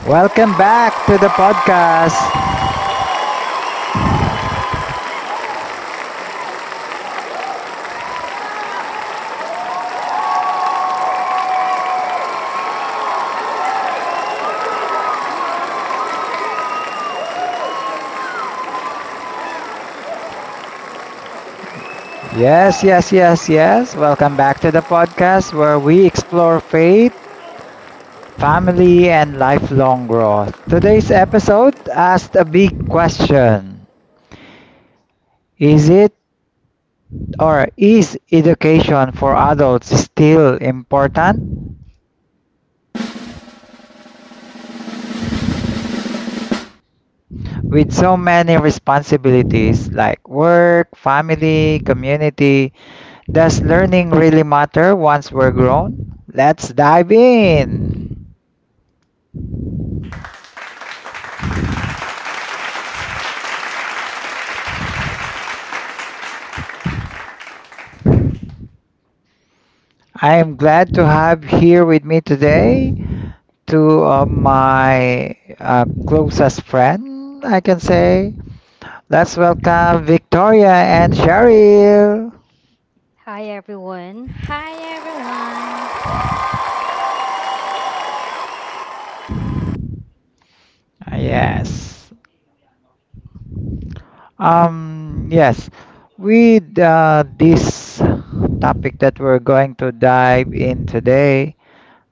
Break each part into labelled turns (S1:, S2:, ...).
S1: Welcome back to the podcast. Yes, yes, yes, yes. Welcome back to the podcast where we explore faith, family, and lifelong growth. Today's episode asked a big question. Is it or is education for adults still important? With so many responsibilities like work, family, community, does learning really matter once we're grown? Let's dive in. I am glad to have here with me today two of my closest friend, I can say. Let's welcome Victoria and Cheryl.
S2: Hi everyone.
S3: Hi everyone.
S1: Yes. Yes. With this topic that we're going to dive in today,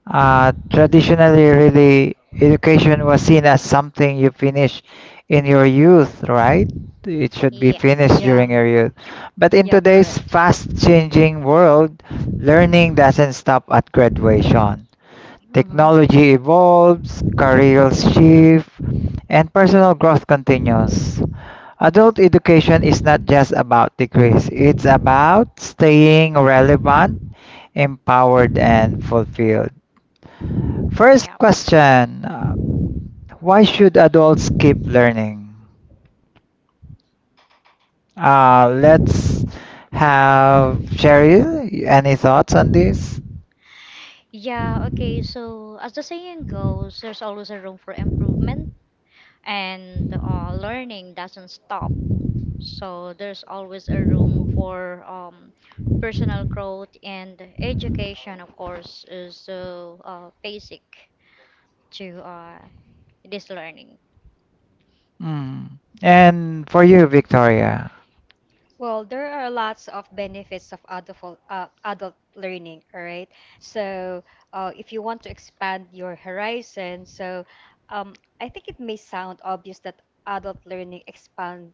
S1: Traditionally, really, education was seen as something you finish in your youth, right? It should be finished
S3: Yes.
S2: Yeah,
S1: during
S2: um,
S1: your youth. But in
S2: yeah,
S1: today's
S2: correct.
S1: fast-changing world, learning doesn't stop at graduation.
S2: hmm
S1: Technology evolves, careers shift, and personal growth continues. Adult education is not just about degrees, it's about staying relevant, empowered, and fulfilled. First
S3: Yeah.
S1: question, why should adults keep learning? Let's have Cheryl, any thoughts on this?
S3: Yeah, okay. So, as the saying goes, there's always a room for improvement and learning doesn't stop. So, there's always a room for personal growth, and education, of course, is the basic to this learning.
S1: Mm. And for you, Victoria,
S2: Well, there are lots of benefits of adult learning, all right? So, if you want to expand your horizon, I think it may sound obvious that adult learning expands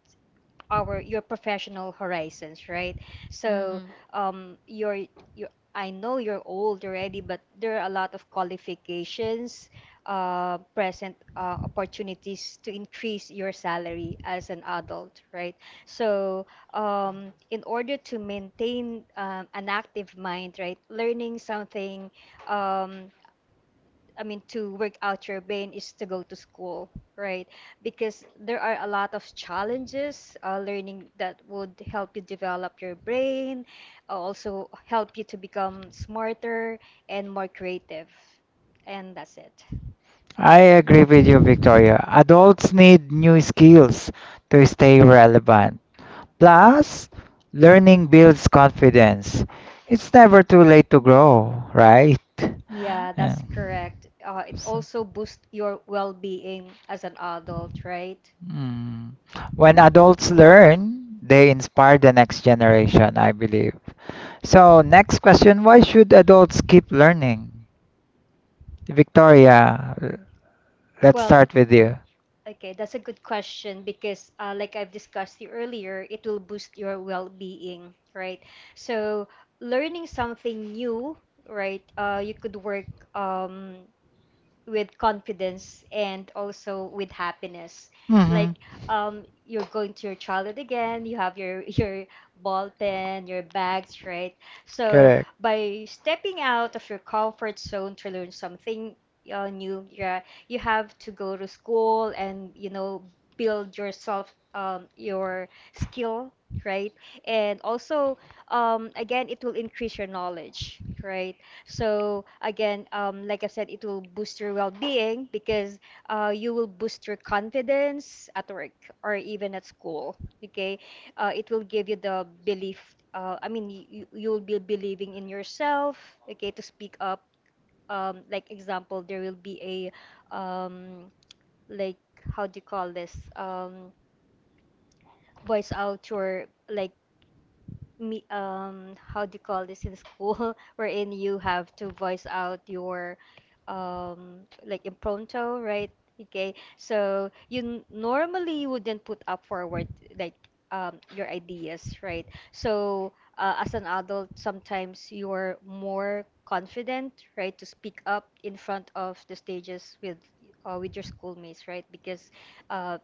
S2: our your professional horizons, right? So,
S3: Mm-hmm.
S2: you're you I know you're old already, but there are a lot of qualifications, present opportunities to increase your salary as an adult, right? So, in order to maintain an active mind, right, learning something um, I mean, to work out your pain is to go to school, right? Because there are a lot of challenges, learning that would help you develop your brain, also help you to become smarter and more creative. And that's it.
S1: I agree with you, Victoria. Adults need new skills to stay relevant. Plus, learning builds confidence. It's never too late to grow, right?
S3: Mm-hmm.
S2: Yeah,
S1: Yeah.
S2: that's correct. It
S1: So-
S2: also boosts your well-being as an adult, right?
S1: Mm. When adults learn, they inspire the next generation, I believe. So, next question, why should adults keep learning? Victoria, let's
S2: Well,
S1: start with you.
S2: okay, that's a good question because, like I've discussed you earlier, it will boost your well-being, right? So, learning something new, right? You could work um, with confidence and also with happiness
S1: Hmm.
S2: like you're going to your childhood again. You have your your ball pen, your bags, right? So
S1: Correct.
S2: by stepping out of your comfort zone to learn something new, yeah, you have to go to school and you know build yourself your skill, right? And also again it will increase your knowledge, right? So again, like I said, it will boost your well-being because you will boost your confidence at work or even at school. Okay, it will give you the belief. I mean, you will be believing in yourself. Okay, to speak up. Like example, there will be a, like how do you call this? Voice out your like me how do you call this in school wherein you have to voice out your like impromptu, right? Okay, so you normally wouldn't put up forward like your ideas, right? So as an adult sometimes you're more confident, right, to speak up in front of the stages with your schoolmates, right? Because uh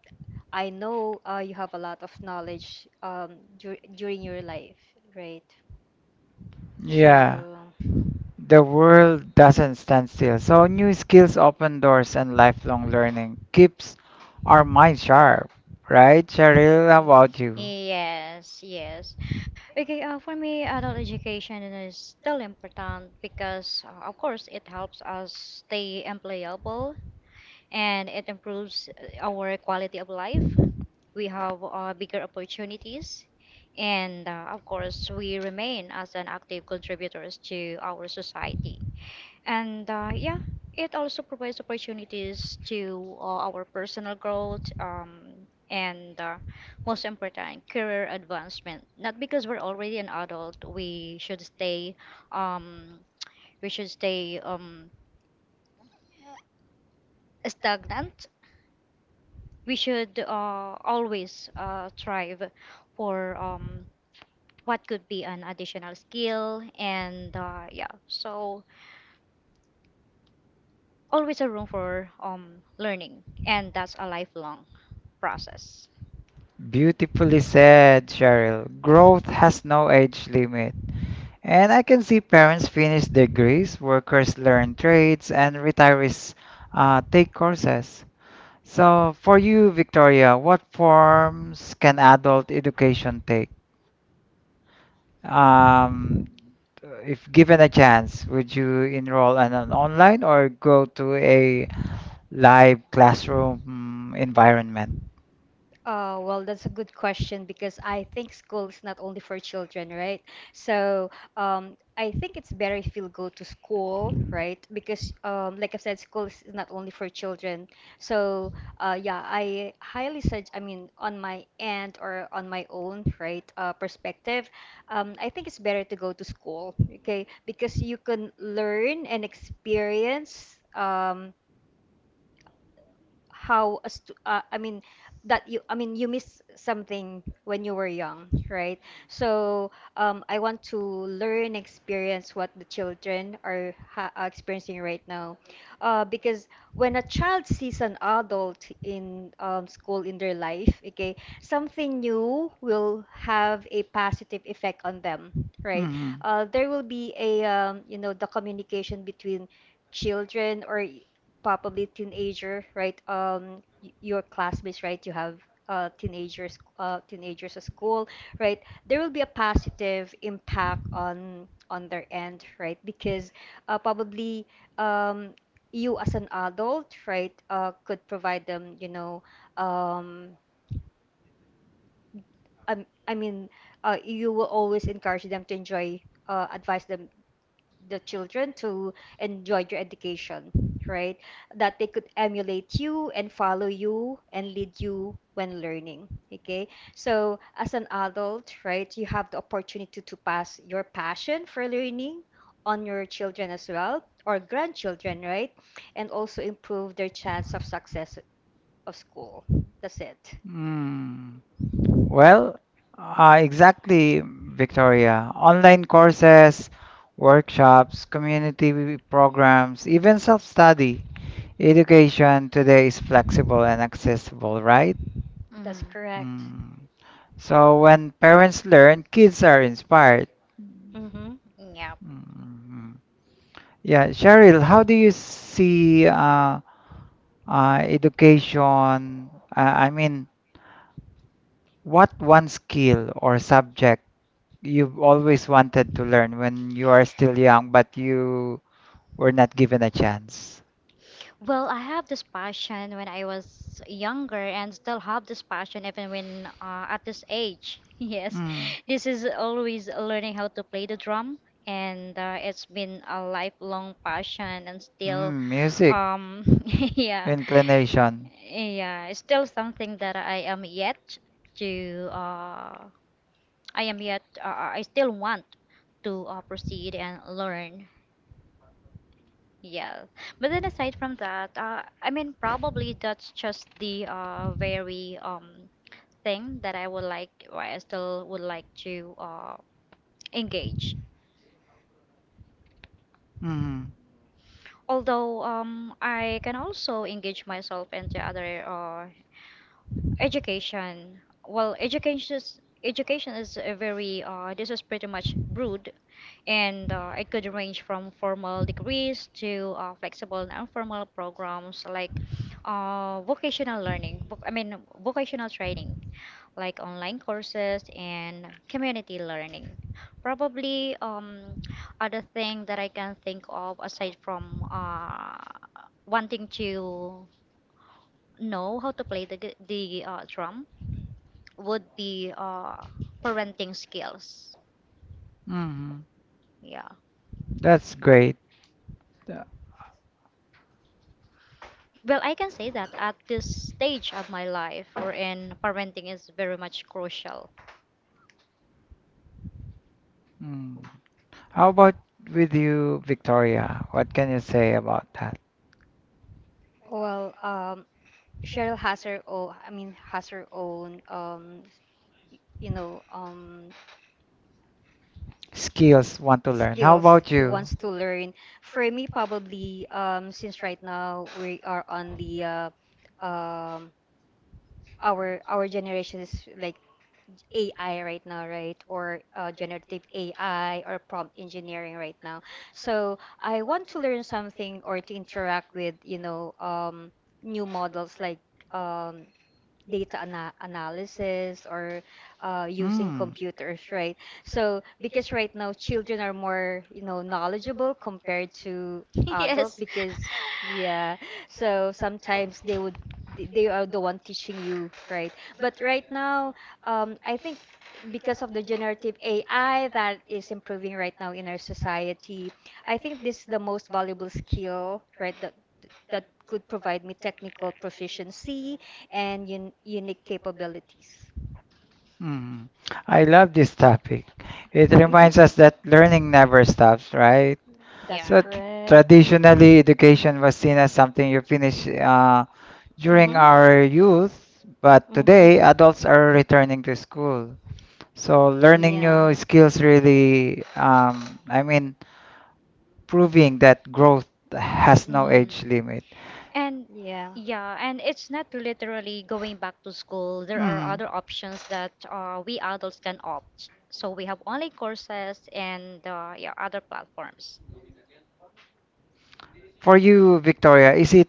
S2: I know you have a lot of knowledge during your life, right?
S1: Yeah.
S2: So.
S1: The world doesn't stand still. So, new skills open doors and lifelong learning keeps our mind sharp, right? Cheryl, how about you?
S3: Yes, yes. Okay, for me, adult education is still important because, of course, it helps us stay employable, and it improves our quality of life. We have bigger opportunities, and of course, we remain as an active contributors to our society. And yeah, it also provides opportunities to our personal growth, and most important, career advancement. Not because we're already an adult, we should stay um, we should stay um, stagnant. We should always strive for what could be an additional skill, and yeah, so always a room for learning, and that's a lifelong process.
S1: Beautifully said, Cheryl. Growth has no age limit. And I can see parents finish degrees, workers learn trades, and retirees take courses. So, for you, Victoria, what forms can adult education take? Um, if given a chance, would you enroll in an online or go to a live classroom environment?
S2: Well, that's a good question because I think school is not only for children, right? So, I think it's better if you go to school, right? Because, like I said, school is not only for children. So, yeah, I highly suggest, I mean, on my end or on my own, right, perspective, I think it's better to go to school, okay? Because you can learn and experience. How a I mean that you I mean you miss something when you were young, right? So I want to learn, experience what the children are experiencing right now, because when a child sees an adult in school in their life, okay, something new will have a positive effect on them, right?
S1: Mm-hmm.
S2: There will be a, you know, the communication between children or probably teenager, right? Your classmates, right? You have uh, teenagers at school, right? There will be a positive impact on their end, right? Because probably um, you as an adult, right, could provide them, you know, um, I mean, you will always encourage them to enjoy, advise them the children to enjoy your education, right? That they could emulate you and follow you and lead you when learning. Okay. So as an adult, right, you have the opportunity to pass your passion for learning on your children as well or grandchildren, right? And also improve their chance of success of school. That's it.
S1: Mm. Well, exactly, Victoria. Online courses, workshops, community programs, even self-study. Education today is flexible and accessible, right?
S2: That's
S3: Hmm.
S2: correct.
S1: Mm. So when parents learn, kids are inspired.
S2: Mm-hmm.
S3: Yeah.
S1: Mm. Yeah, Cheryl, how do you see education? I mean, what one skill or subject you've always wanted to learn when you are still young, but you were not given a chance?
S3: Well, I have this passion when I was younger, and still have this passion even when at this age. Yes.
S1: Mm.
S3: This is always learning how to play the drum, and it's been a lifelong passion and still
S1: Mm, music
S3: um yeah.
S1: inclination.
S3: Yeah, it's still something that I am yet to uh I still want to proceed and learn. Yeah. But then aside from that, I mean, probably that's just the very thing that I would like, or I still would like to engage.
S1: Mm,
S3: Although I can also engage myself into other education. Well, education is a very this is pretty much broad, and it could range from formal degrees to flexible and informal programs like vocational learning. Voc I mean, vocational training, like online courses and community learning. Probably other thing that I can think of aside from wanting to know how to play the drum would be parenting skills.
S1: mm,
S3: Yeah.
S1: that's great. Uh,
S3: Well, I can say that at this stage of my life, wherein parenting is very much crucial.
S1: Mm. How about with you, Victoria? What can you say about that?
S2: Well, Cheryl has her own, I mean, has her own you know,
S1: Skills want to learn. How
S2: skills
S1: about
S2: he
S1: you?
S2: wants to learn. For me, probably since right now we are on the um, our generation is like AI right now, right? Or generative AI or prompt engineering right now. So I want to learn something or to interact with you know new models like. Um, data analysis or using
S1: Mm.
S2: computers, right? So because right now children are more, you know, knowledgeable compared to adult
S3: Yes.
S2: because yeah, so sometimes they would they are the one teaching you, right? But right now, I think because of the generative AI that is improving right now in our society, I think this is the most valuable skill, right? That could provide me technical proficiency and unique capabilities.
S1: Mm. I love this topic. It reminds us that learning never stops, right?
S2: That's
S3: Yeah.
S1: So tr
S2: correct.
S1: traditionally, education was seen as something you finish during
S2: Mm-hmm.
S1: our youth, but today
S2: Mm-hmm.
S1: adults are returning to school. So learning
S2: Yeah.
S1: new skills really, I mean, proving that growth has no age
S3: Mm.
S1: limit.
S3: And
S2: Yeah.
S3: yeah, and it's not literally going back to school. There are
S1: Hmm.
S3: other options that we adults can opt. So we have online courses and yeah, other platforms.
S1: For you, Victoria, is it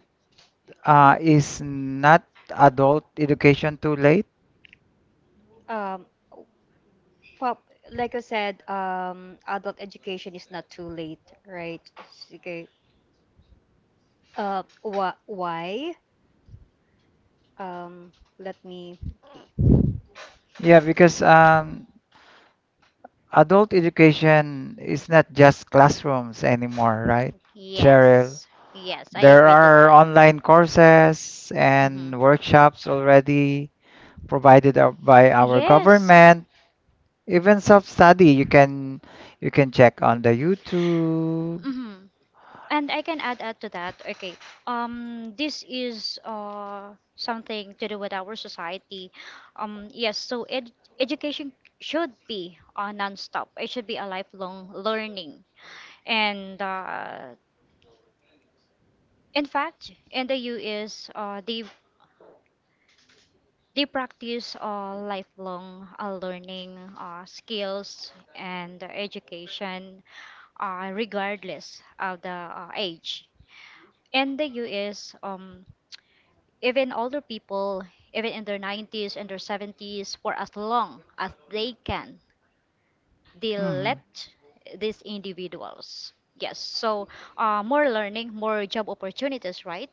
S1: is not adult education too late?
S2: Um, pop, like I said, adult education is not too late, right? Okay. Wh Why? Um, let me. Okay.
S1: Yeah, because adult education is not just classrooms anymore, right, Cheryl?
S3: Yes. Yes, I
S1: There
S3: agree to
S1: are
S3: that.
S1: online courses
S3: Mm-hmm.
S1: and workshops already provided out by our
S3: Yes.
S1: government. Even self-study, you can check on the YouTube.
S3: Mm-hmm. And I can add to that. Okay. This is something to do with our society. Yes. So ed education should be non-stop. It should be a lifelong learning. And in fact, in the U.S., they practice lifelong learning skills and education regardless of the age. In the U.S., even older people, even in their 90s and their 70s, for as long as they can, they
S1: Mm,
S3: let these individuals. Yes, so more learning, more job opportunities, right?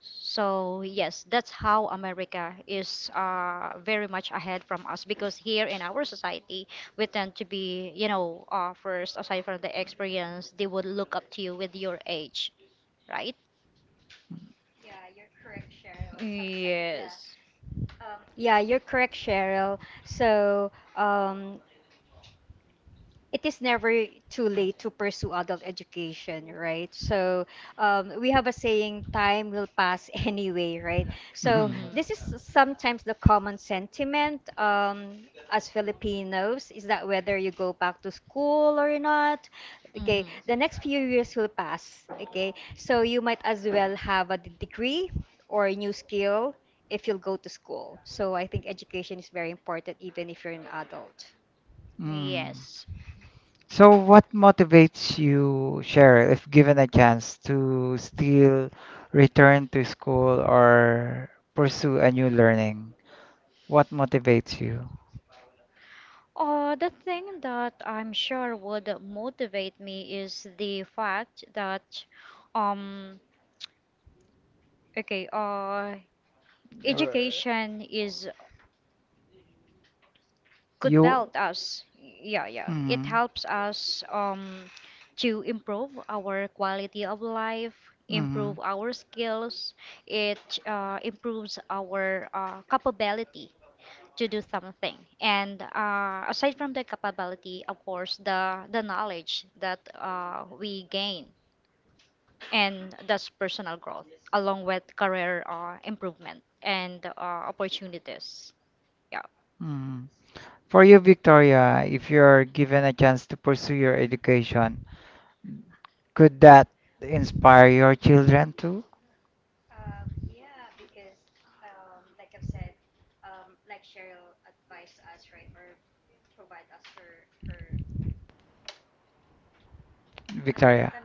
S3: So yes, that's how America is very much ahead from us, because here in our society we tend to be first, aside from the experience, they would look up to you with your age, right? Yes.
S2: Yeah, you're correct, Cheryl. So, um, it is never too late to pursue adult education, right? So we have a saying, time will pass anyway, right? So
S1: mm,
S2: this
S3: Mhm.
S2: is sometimes the common sentiment as Filipinos is that whether you go back to school or not, okay,
S3: Mhm.
S2: the next few years will pass, okay? So you might as well have a degree or a new skill if you'll go to school. So I think education is very important even if you're an adult.
S1: mm.
S3: Yes.
S1: So what motivates you, Cheryl, if given a chance to still return to school or pursue a new learning? What motivates you?
S3: The thing that I'm sure would motivate me is the fact that, um, okay,
S1: Or
S3: education is could
S1: You,
S3: belt us, yeah, yeah, it
S1: mm,
S3: helps us to improve our quality of life,
S1: mm,
S3: improve our skills, it improves our capability to do something. And aside from the capability, of course, the knowledge that we gain, and that's personal growth along with career improvement and opportunities, yeah.
S1: mm. For you, Victoria, if you're given a chance to pursue your education, could that inspire your children too, Victoria?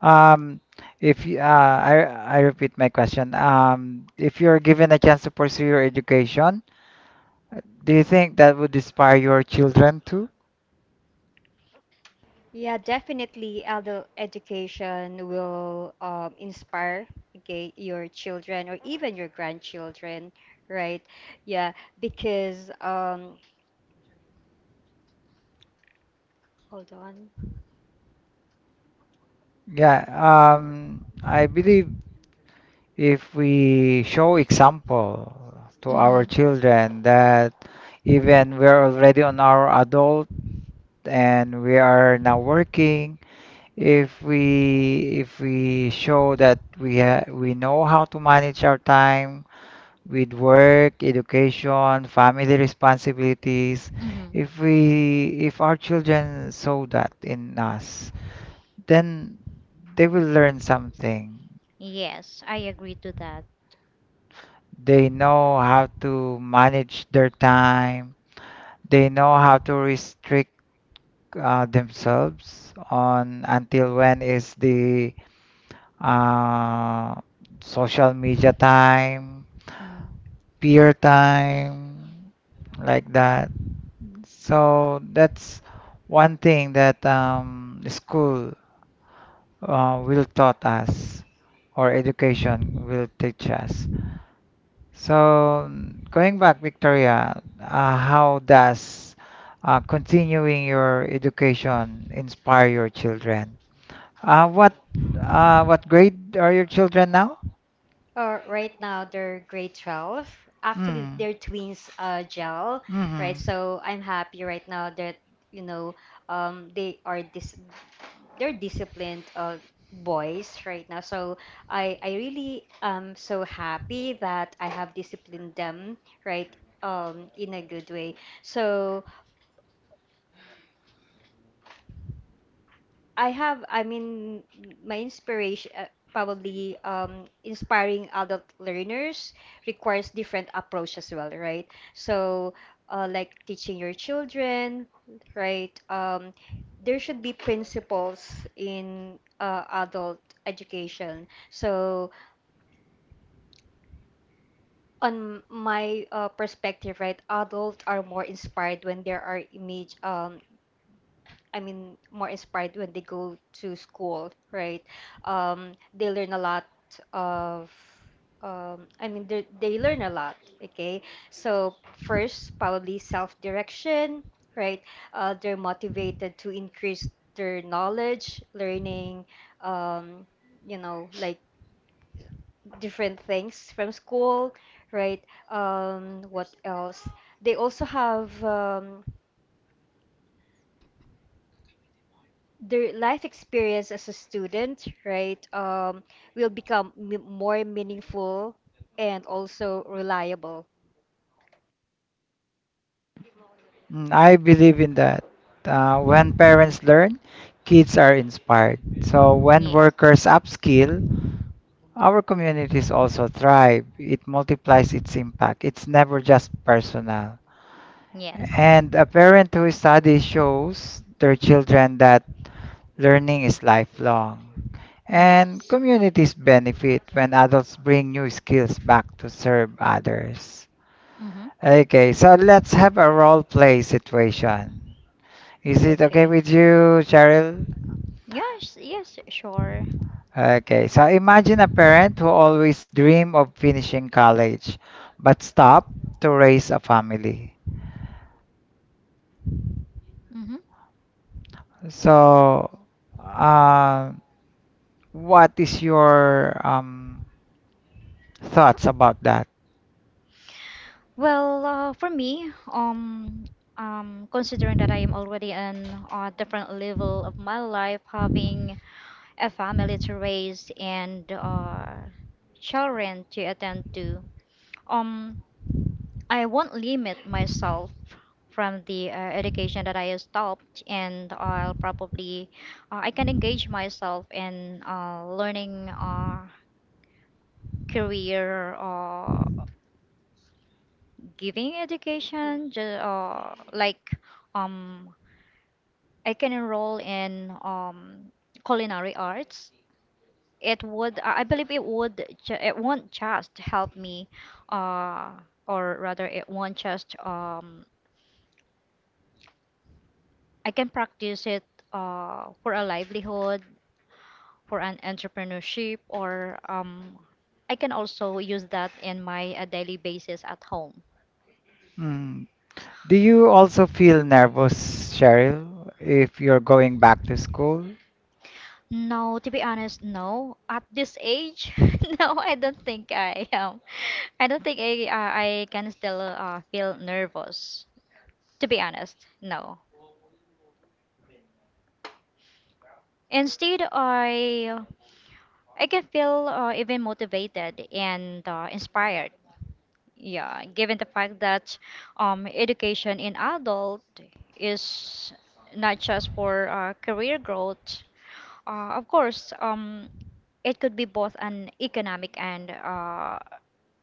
S1: Um, if you, I repeat my question. If you're given a chance to pursue your education, do you think that would inspire your children too?
S2: Yeah, definitely adult education will inspire okay, your children or even your grandchildren, right? Yeah, because hold on.
S1: Yeah, I believe if we show example to our
S3: Mhm.
S1: children that even we're already on our adult and we are now working, if we show that we know how to manage our time with work, education, family responsibilities,
S3: Mhm.
S1: if our children saw that in us, then they will learn something.
S3: Yes, I agree to that.
S1: They know how to manage their time. They know how to restrict themselves on until when is the uh, social media time,
S3: Mhm.
S1: peer time, like that. So that's one thing that the school will taught us or education will teach us. So mm, going back, Victoria, how does continuing your education inspire your children? Uh, what what grade are your children now?
S2: Or right now they're grade 12. Actually,
S1: Mm.
S2: they're twins, gel. Right?
S1: Mhm.
S2: So I'm happy right now that you know they are this they're disciplined boys right now. So I really am so happy that I have disciplined them right in a good way. So I mean my inspiration. Probably inspiring adult learners requires different approach as well, right? So, like teaching your children, right? There should be principles in adult education. So on my perspective, right, adults are more inspired when there are image. I mean, more inspired when they go to school, right? They learn a lot of. I mean, they learn a lot. Okay, so first, probably self-direction, right? They're motivated to increase their knowledge, learning. Um, you know, like different things from school, right? What else? They also have their life experience as a student, right? Will become m more meaningful and also reliable.
S1: Mm, I believe in that. When parents learn, kids are inspired. So when
S3: Yes.
S1: workers
S3: Yes.
S1: upskill, our communities also thrive. It multiplies its impact. It's never just personal.
S3: Yes.
S1: And a parent who studies shows their children that learning is lifelong. And communities benefit when adults bring new skills back to serve others.
S3: Mhm.
S1: Okay, so let's have a role play situation. Is it okay
S2: Okay.
S1: with you, Cheryl?
S3: Yes, yes, sure.
S1: Okay, so imagine a parent who always dream of finishing college but stop to raise a family.
S3: Mhm.
S1: So, uh, what is your thoughts about that?
S3: Well, for me, considering that I am already in a different level of my life, having a family to raise and children to attend to, um, I won't limit myself from the education that I stopped, and I'll probably I can engage myself in learning career giving education, like um I can enroll in culinary arts. I believe, it won't just help me, uh, or rather, it won't just. I can practice it for a livelihood, for an entrepreneurship, or I can also use that in my daily basis at home.
S1: Mm. Do you also feel nervous, Cheryl, if you're going back to school?
S3: No, to be honest, no. At this age, no, I don't think I am. I don't think I can still feel nervous. To be honest, no. Instead, I can feel even motivated and inspired. Yeah, given the fact that education in adult is not just for career growth. Of course, it could be both an economic and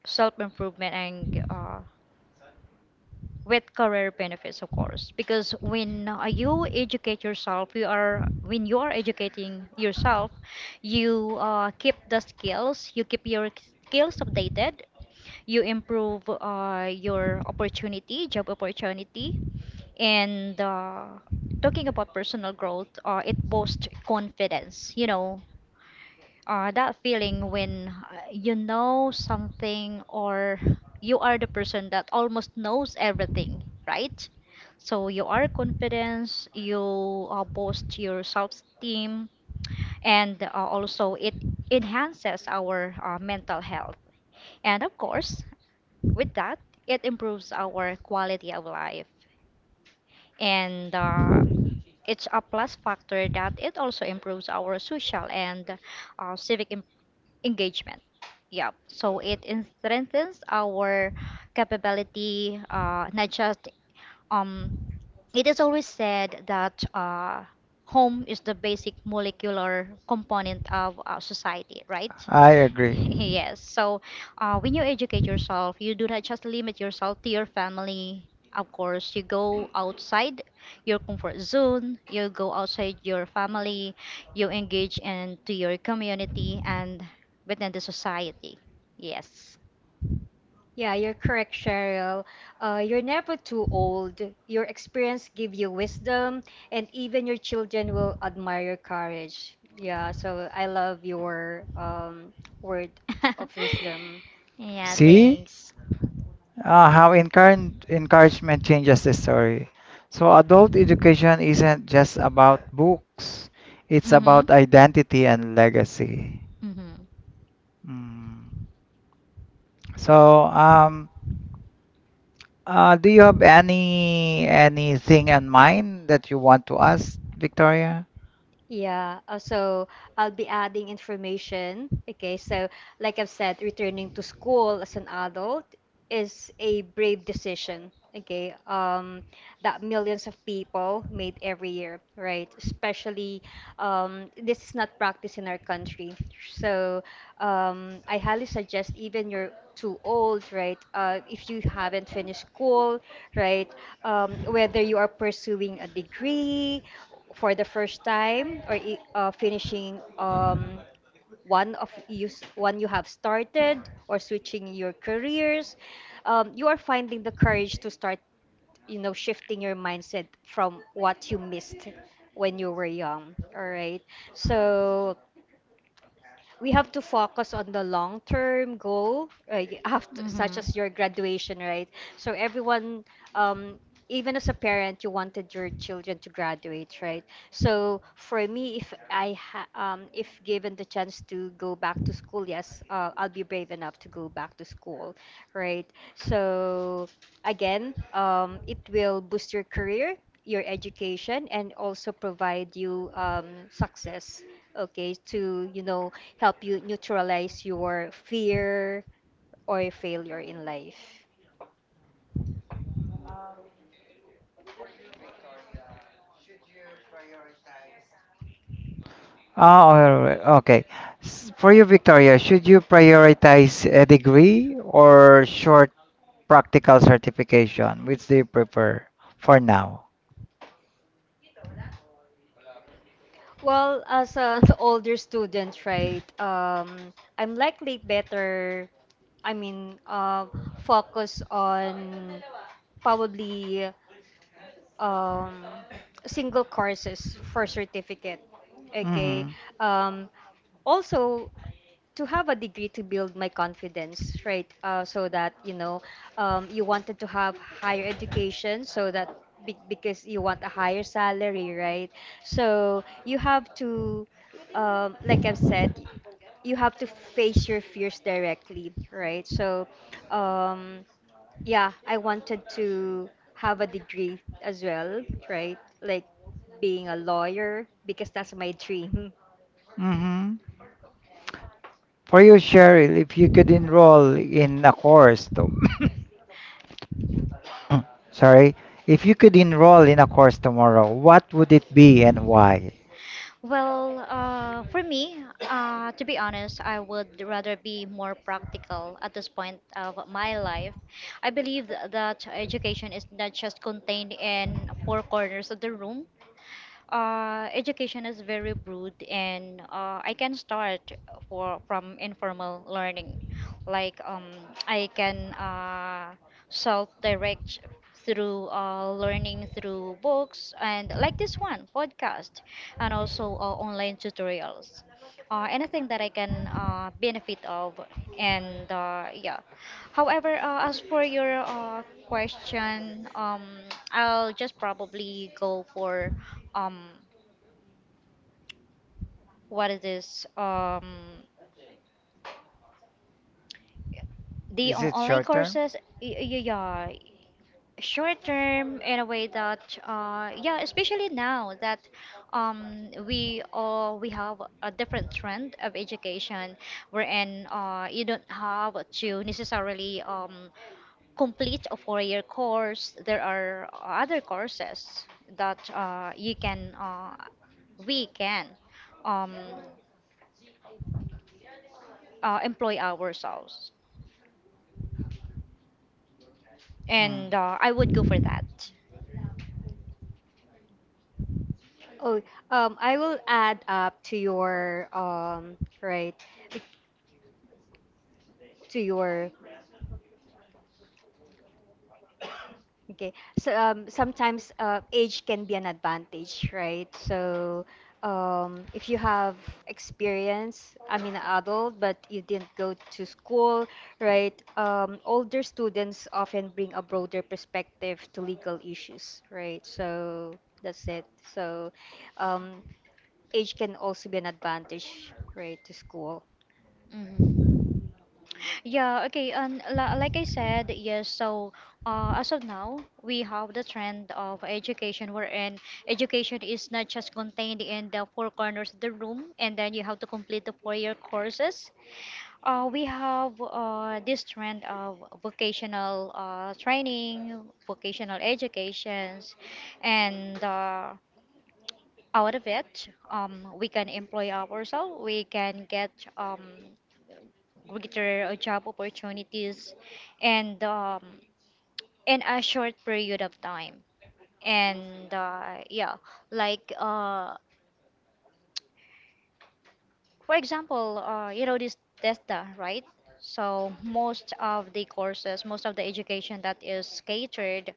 S3: self improvement, and with career benefits, of course, because when you educate yourself you are when you are educating yourself, you keep the skills, you keep your skills updated, you improve your opportunity job opportunity, and talking about personal growth, it boosts confidence, you know, that feeling when you know something, or you are the person that almost knows everything, right? So you are confident, you boast your self-esteem, and also it enhances our mental health. And of course, with that, it improves our quality of life. And it's a plus factor that it also improves our social and civic engagement. Yeah, so it strengthens our capability, not just um, it is always said that home is the basic molecular component of our society, right?
S1: I agree.
S3: Yes. So, when you educate yourself, you do not just limit yourself to your family. Of course, you go outside your comfort zone, you go outside your family, you engage into your community and within the society. Yes.
S2: Yeah, you're correct, Cheryl. You're never too old. Your experience give you wisdom, and even your children will admire your courage. Yeah, so I love your word of wisdom.
S3: Yeah,
S1: See?
S3: thanks.
S1: How encouragement changes the story. So, adult education isn't just about books, it's
S3: Mm-hmm.
S1: about identity and legacy.
S3: Mm-hmm.
S1: Mm. So, do you have any anything in mind that you want to ask, Victoria?
S2: Yeah, so I'll be adding information. Okay, so like I've said, returning to school as an adult is a brave decision. Okay, that millions of people made every year, right? Especially this is not practiced in our country. So I highly suggest even you're too old, right? If you haven't finished school, right? Whether you are pursuing a degree for the first time or finishing one of you one you have started or switching your careers you are finding the courage to start you know shifting your mindset from what you missed when you were young, all right? So we have to focus on the long term goal right after such as your graduation, right? So everyone
S3: Mm-hmm.
S2: um even as a parent you wanted your children to graduate, right? So for me if if given the chance to go back to school yes, I'll be brave enough to go back to school, right? So again, it will boost your career, your education, and also provide you success. Okay, to you know help you neutralize your fear or failure in life.
S1: Oh, alright, okay. For you, Victoria, should you prioritize a degree or short practical certification? Which do you prefer for now?
S2: Well, as an older student, right, I'm likely better, I mean, focus on probably um, single courses for certificate. Okay.
S1: Hmm.
S2: Um, also, to have a degree to build my confidence, right? So that you know, you wanted to have higher education, so that because you want a higher salary, right? So you have to, like I've said, you have to face your fears directly, right? So, um, yeah, I wanted to have a degree as well, right? Like being a lawyer because that's my dream.
S1: Hmm. For you, Cheryl, if you could enroll in a course, sorry, if you could enroll in a course tomorrow, what would it be and why?
S3: Well, for me, to be honest, I would rather be more practical at this point of my life. I believe that education is not just contained in four corners of the room, education is very broad, and I can start for from informal learning, like I can self-direct through learning through books and like this one podcast, and also online tutorials, anything that I can benefit of, and yeah. However, as for your question, I'll just probably go for um what is this the
S1: Is
S3: on-
S1: it
S3: online
S1: short term?
S3: courses. Yeah, short term. In a way that yeah, especially now that we have a different trend of education wherein you don't have to necessarily complete a four-year course. There are other courses that you can we can um employ ourselves.
S1: Mm.
S3: And I would go for that.
S2: Oh, I will add up to your right, bec- to your okay. So sometimes age can be an advantage, right? So if you have experience, I mean, an adult, but you didn't go to school, right? Older students often bring a broader perspective to legal issues, right? So that's it. So um, age can also be an advantage, right, to school.
S3: Hmm. Yeah, okay. And like I said, yes, so as of now, we have the trend of education wherein education is not just contained in the four corners of the room, and then you have to complete the four-year courses. We have this trend of vocational training, vocational educations, and out of it, we can employ ourselves, we can get um, greater job opportunities, and in a short period of time. And yeah, like for example, you know this TESDA, right? So most of the courses, most of the education that is catered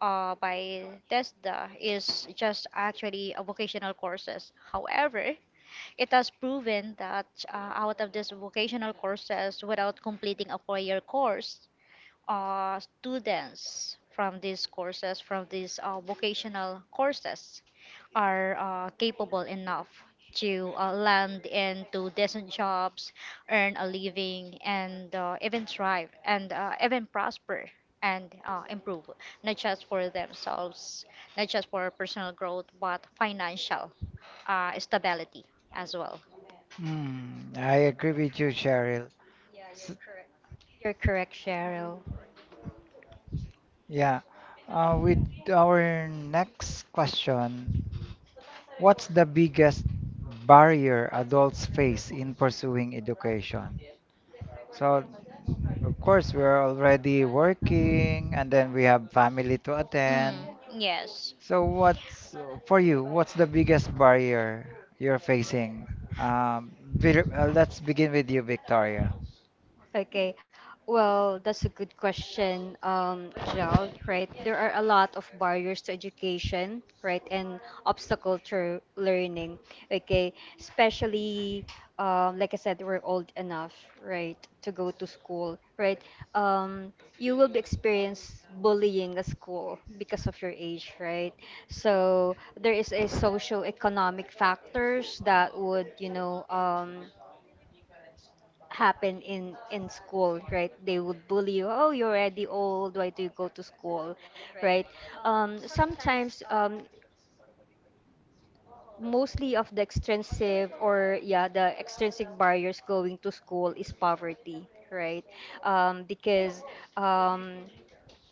S3: by TESDA is just actually a vocational courses. However, it has proven that out of these vocational courses, without completing a four-year course, students from these courses, from these vocational courses, are capable enough to land into decent jobs, earn a living, and even thrive, and even prosper and improve, not just for themselves, not just for personal growth, but financial stability as well.
S1: Mm. I agree with you, Cheryl. S-
S2: You're correct, Cheryl.
S1: Yeah. With our next question, what's the biggest barrier adults face in pursuing education? So of course, we're already working and then we have family to attend.
S3: Mm, yes.
S1: So what's for you, what's the biggest barrier you're facing? Let's begin with you, Victoria.
S2: Okay. Well, that's a good question, Jel, right? There are a lot of barriers to education, right, and obstacle to learning, okay? Especially, like I said, we're old enough, right, to go to school, right? Um, you will be experience bullying at school because of your age, right? So there is a socio-economic factors that would, happen in school, right? They would bully you. Oh, you're already old, why do you go to school, right? Sometimes, mostly of the extrinsic, or yeah, the extrinsic barriers going to school is poverty, right? Um because um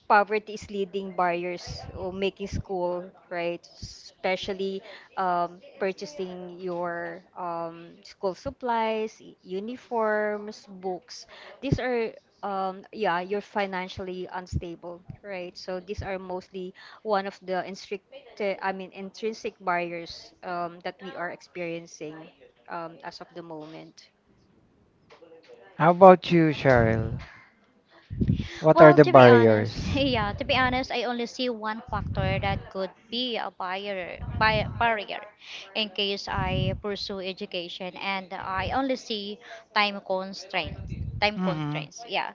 S2: poverty is leading barriers or making school, right? Especially purchasing your school supplies, uniforms, books. These are yeah, you're financially unstable, right? So these are mostly one of the instricted I mean intrinsic barriers that we are experiencing as of the moment.
S1: How about you, Cheryl? What are
S3: Well,
S1: the
S3: to be honest,
S1: barriers?
S3: yeah, to be honest, I only see one factor that could be a barrier in case I pursue education, and I only see time constraints. Time
S1: Hmm.
S3: constraints, yeah.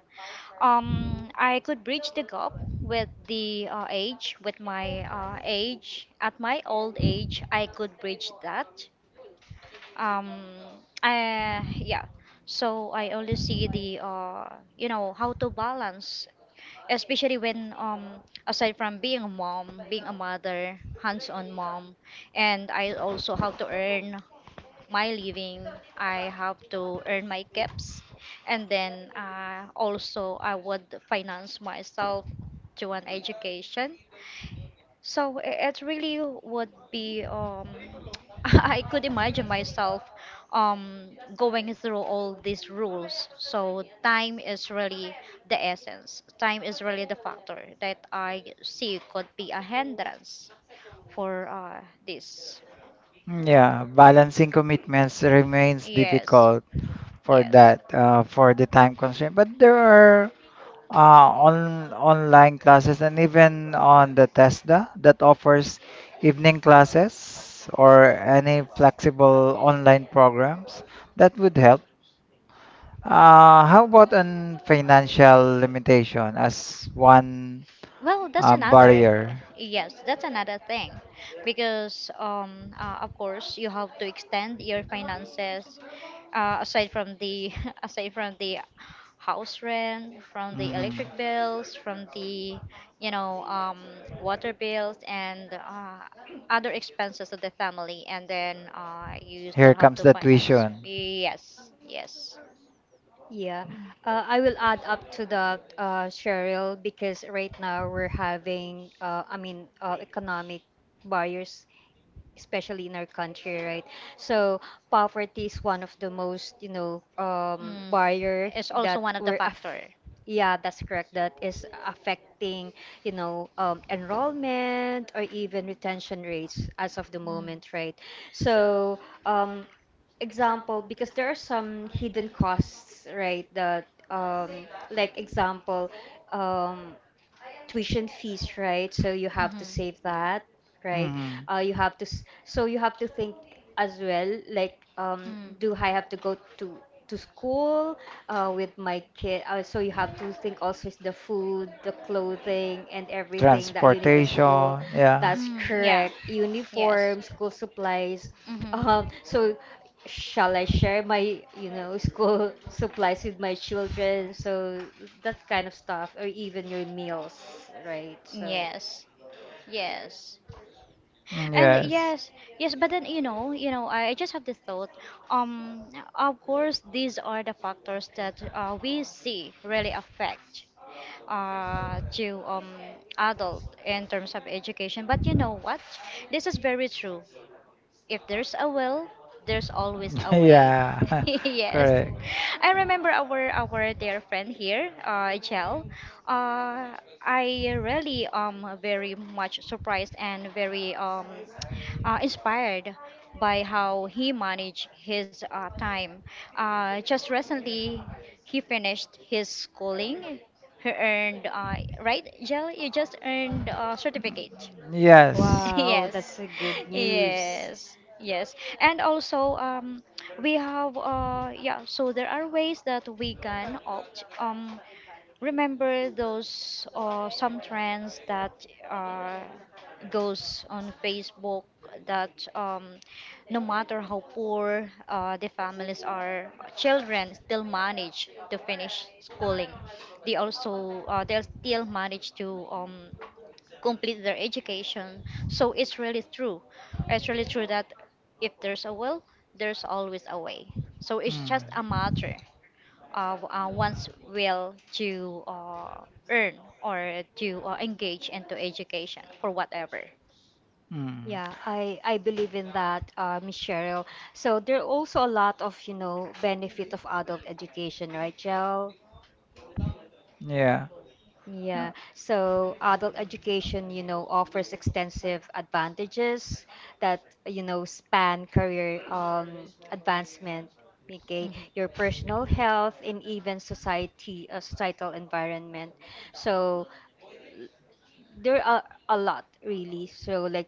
S3: I could bridge the gap with the age. At my old age, I could bridge that. Um, yeah. So I only see how to balance, especially when aside from being a mom, being a mother, hands-on mom, and I also have to earn my living, I have to earn my caps, and then also I would finance myself to an education. So it really would be I could imagine myself going through all these rules. So time is really the essence. Time is really the factor that I see could be a hindrance for this.
S1: Yeah, balancing commitments remains
S3: Yes,
S1: difficult for
S3: yes.
S1: that, for the time constraint. But there are on online classes and even on the TESDA that offers evening classes or any flexible online programs that would help. How about on financial limitation as one
S3: Well, that's another,
S1: barrier?
S3: yes, that's another thing, because of course you have to extend your finances, aside from the aside from the house rent, from the
S1: Mhm.
S3: electric bills, from the you know um, water bills and other expenses of the family, and then you still
S1: Here
S3: have
S1: comes
S3: to
S1: the
S3: finance.
S1: tuition.
S3: Yes, yes.
S2: Yeah, I will add up to that, Cheryl, because right now we're having, economic barriers, especially in our country, right? So poverty is one of the most,
S3: Mm,
S2: barrier
S3: is also
S2: that
S3: one of the
S2: we're aff
S3: factor.
S2: yeah, that's correct. That is affecting, enrollment or even retention rates as of the
S3: Mm.
S2: moment, right? So, um, example, because there are some hidden costs, right? Like example, um, tuition fees, right? So you have to
S3: Mhm.
S2: save that, right.
S1: Mhm.
S2: Uh, you have to s- so you have to think as well, like,
S3: Mm.
S2: do I have to go to school with my kid? So you have to think also, is the food, the clothing and everything that you need at school. That's
S3: Mm, yeah.
S2: correct,
S3: Yes.
S2: uniform, school supplies. um,
S3: Mm-hmm.
S2: so shall I share my, you know, school supplies with my children? So that kind of stuff, or even your meals, right? So,
S3: Yes. Yes.
S1: Mm,
S3: And
S1: yes.
S3: yes, yes, but then I just have this thought. Um, of course, these are the factors that we see really affect to adult in terms of education. But you know what? This is very true if there's a will, there's always a way.
S1: Yeah,
S3: Yes.
S1: correct.
S3: I remember our dear friend here, Jel. Uh, I really am very much surprised and very inspired by how he managed his time. Just recently, he finished his schooling. He earned, right, Jel? You just earned a certificate.
S1: Yes.
S2: wow,
S3: Yes,
S2: that's a good news.
S3: yes, yes. And also, we have, yeah, so there are ways that we can opt, remember those some trends that goes on Facebook that no matter how poor the families are, children still manage to finish schooling. They'll still manage to complete their education. So it's really true. It's really true that if there's a will, there's always a way. So it's
S1: Mm.
S3: just a matter of one's will to earn or to engage into education for whatever.
S1: Mm.
S2: Yeah, I believe in that, Miss Cheryl. So there are also a lot of, you know, benefit of adult education, right, Cheryl?
S1: Yeah.
S2: Yeah. So adult education, you know, offers extensive advantages that, you know, span career advancement, okay,
S3: Mhm.
S2: your personal health and even society, societal environment. So, there are a lot really. So like,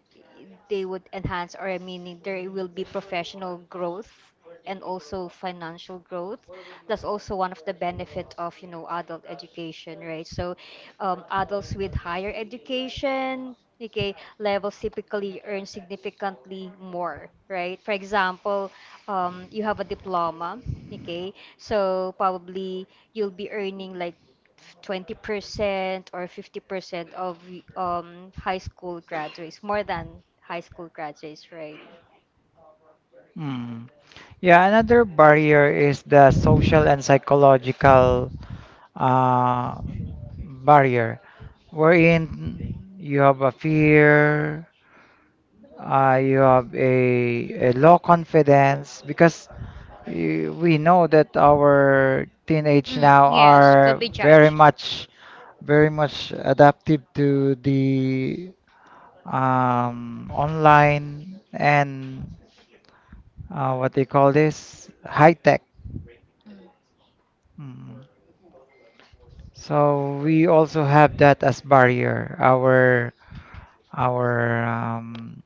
S2: they would enhance, or I mean there will be professional growth and also financial growth. That's also one of the benefit of, you know, adult education, right? So adults with higher education, okay, levels typically earn significantly more, right? For example, you have a diploma, okay, so probably you'll be earning like 20% or 50% of high school graduates, more than high school graduates, right?
S1: Mm. Yeah, another barrier is the social and psychological uh, barrier wherein you have a fear, you have a low confidence because we know that our teenage now
S3: Yes, could
S1: are
S3: be
S1: very
S3: judged.
S1: much very much adaptive to the online and what they call this high tech. Mm. So we also have that as barrier, our our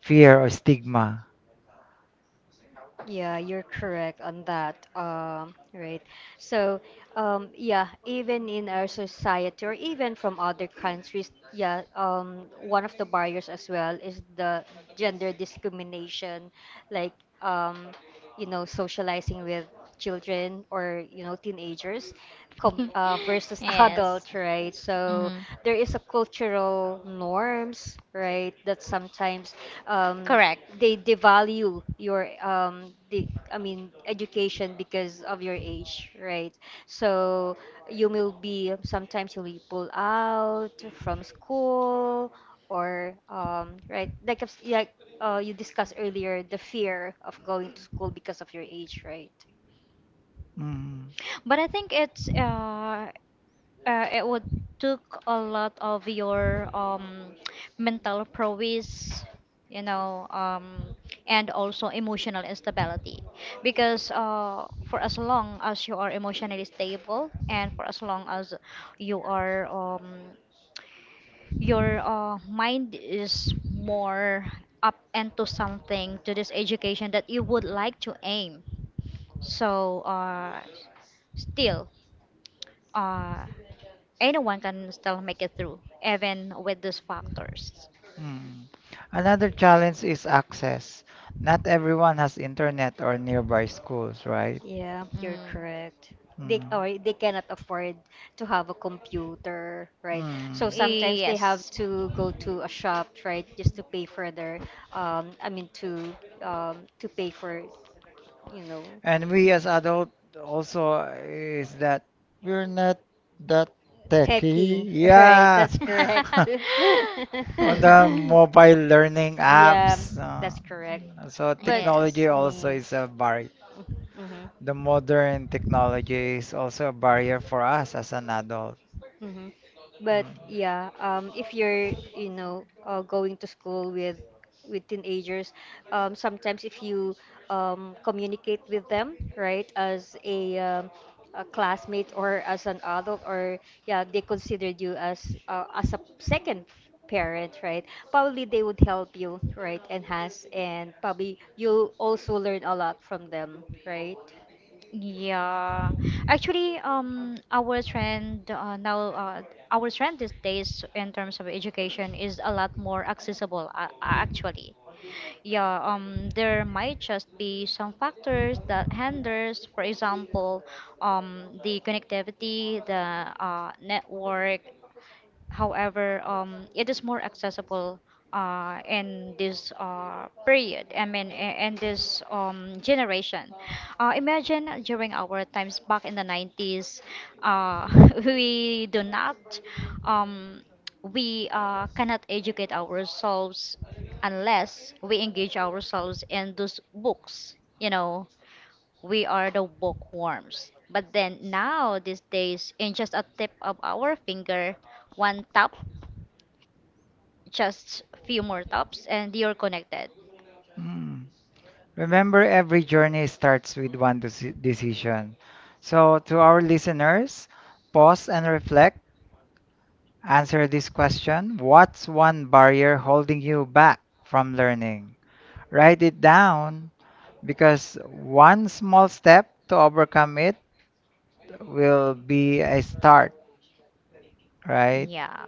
S1: fear or stigma.
S2: Yeah, you're correct on that. Right. So, yeah, even in our society or even from other countries, yeah, one of the barriers as well is the gender discrimination, like, um, you know, socializing with children or, you know, teenagers com
S3: Mm.
S2: versus
S3: Yes,
S2: adult, right? So
S3: mhm.
S2: there is a cultural norms, right, that sometimes um,
S3: Correct.
S2: they devalue your the I mean education because of your age, right? So you will be, sometimes you'll be pulled out from school, or right, like you discussed earlier the fear of going to school because of your age, right?
S1: Mm,
S3: But I think it's it would took a lot of your mental prowess, you know, um, and also emotional instability. Because for as long as you are emotionally stable, and for as long as you are um, your mind is more up into something to this education that you would like to aim. So still uh, anyone can still make it through, even with those factors.
S1: mm. Another challenge is access. Not everyone has internet or nearby schools, right?
S2: Yeah, you're
S3: Mm.
S2: correct. They,
S1: Mm,
S2: or they cannot afford to have a computer, right?
S1: mm.
S2: So sometimes they have
S3: Yes.
S2: to go to a shop, right, just to pay for their um I mean to to pay for, you know,
S1: And we as adult also is that we're not that techy.
S2: techie, right?
S1: Yeah.
S2: That's correct.
S1: On the mobile learning
S2: Yeah,
S1: apps,
S2: that's correct.
S1: so
S2: But
S1: technology
S3: Yes.
S1: also
S2: yeah.
S1: is a barrier.
S2: Mm-hmm.
S1: The modern technology is also a barrier for us as an adult.
S2: Hmm. But
S1: Mm.
S2: yeah, if you're, you know, going to school with teenagers, sometimes if you communicate with them, right, as a classmate or as an adult, or yeah, they considered you as a second parent, right? Probably they would help you, right, enhance, and probably you'll also learn a lot from them, right?
S3: Yeah, actually, our trend these days in terms of education is a lot more accessible, actually. Yeah, there might just be some factors that hinders, for example, the connectivity, the network. However, it is more accessible in this period, I mean, in this generation. Imagine during our times back in the 90s, uh, we do not, um, we cannot educate ourselves unless we engage ourselves in those books. We are the bookworms. But then now, these days, in just a tip of our finger, one tap, just few more taps, and you're connected.
S1: Mm. Remember, every journey starts with one decision. So, to our listeners, pause and reflect. Answer this question. What's one barrier holding you back from learning? Write it down because one small step to overcome it will be a start, right?
S3: Yeah.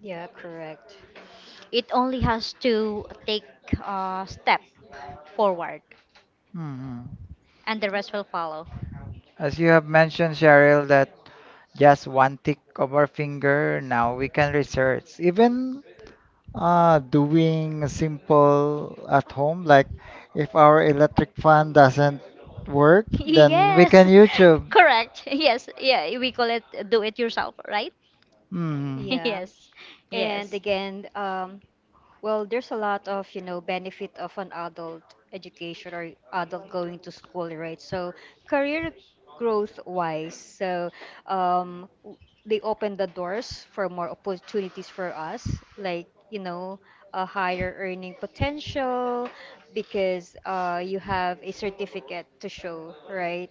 S2: Yeah, correct.
S3: It only has to take a step forward,
S1: Hmm.
S3: and the rest will follow.
S1: As you have mentioned, Cheryl, that just one tick of our finger, now we can research. Even doing simple at home, like if our electric fan doesn't work, then we can
S3: Yes,
S1: YouTube.
S3: correct. Yes, yeah, we call it do it yourself, right?
S1: Hmm.
S2: Yeah.
S3: Yes,
S2: And
S3: yes.
S2: again, well, there's a lot of, you know, benefit of an adult education or adult going to school, right? So career growth wise, so um, w- they open the doors for more opportunities for us, like, you know, a higher earning potential because you have a certificate to show, right?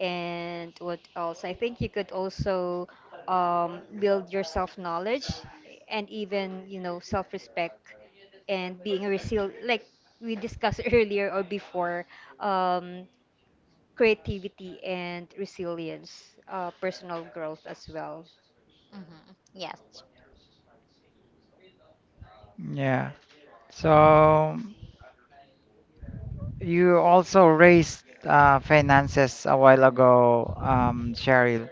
S2: And what else? I think you could also build your self knowledge and even, you know, self respect and being resilient. Like we discussed earlier or before, um, creativity and resilience, personal growth as well.
S3: Hmm. Yes.
S1: Yeah. So you also raised finances a while ago, Cheryl.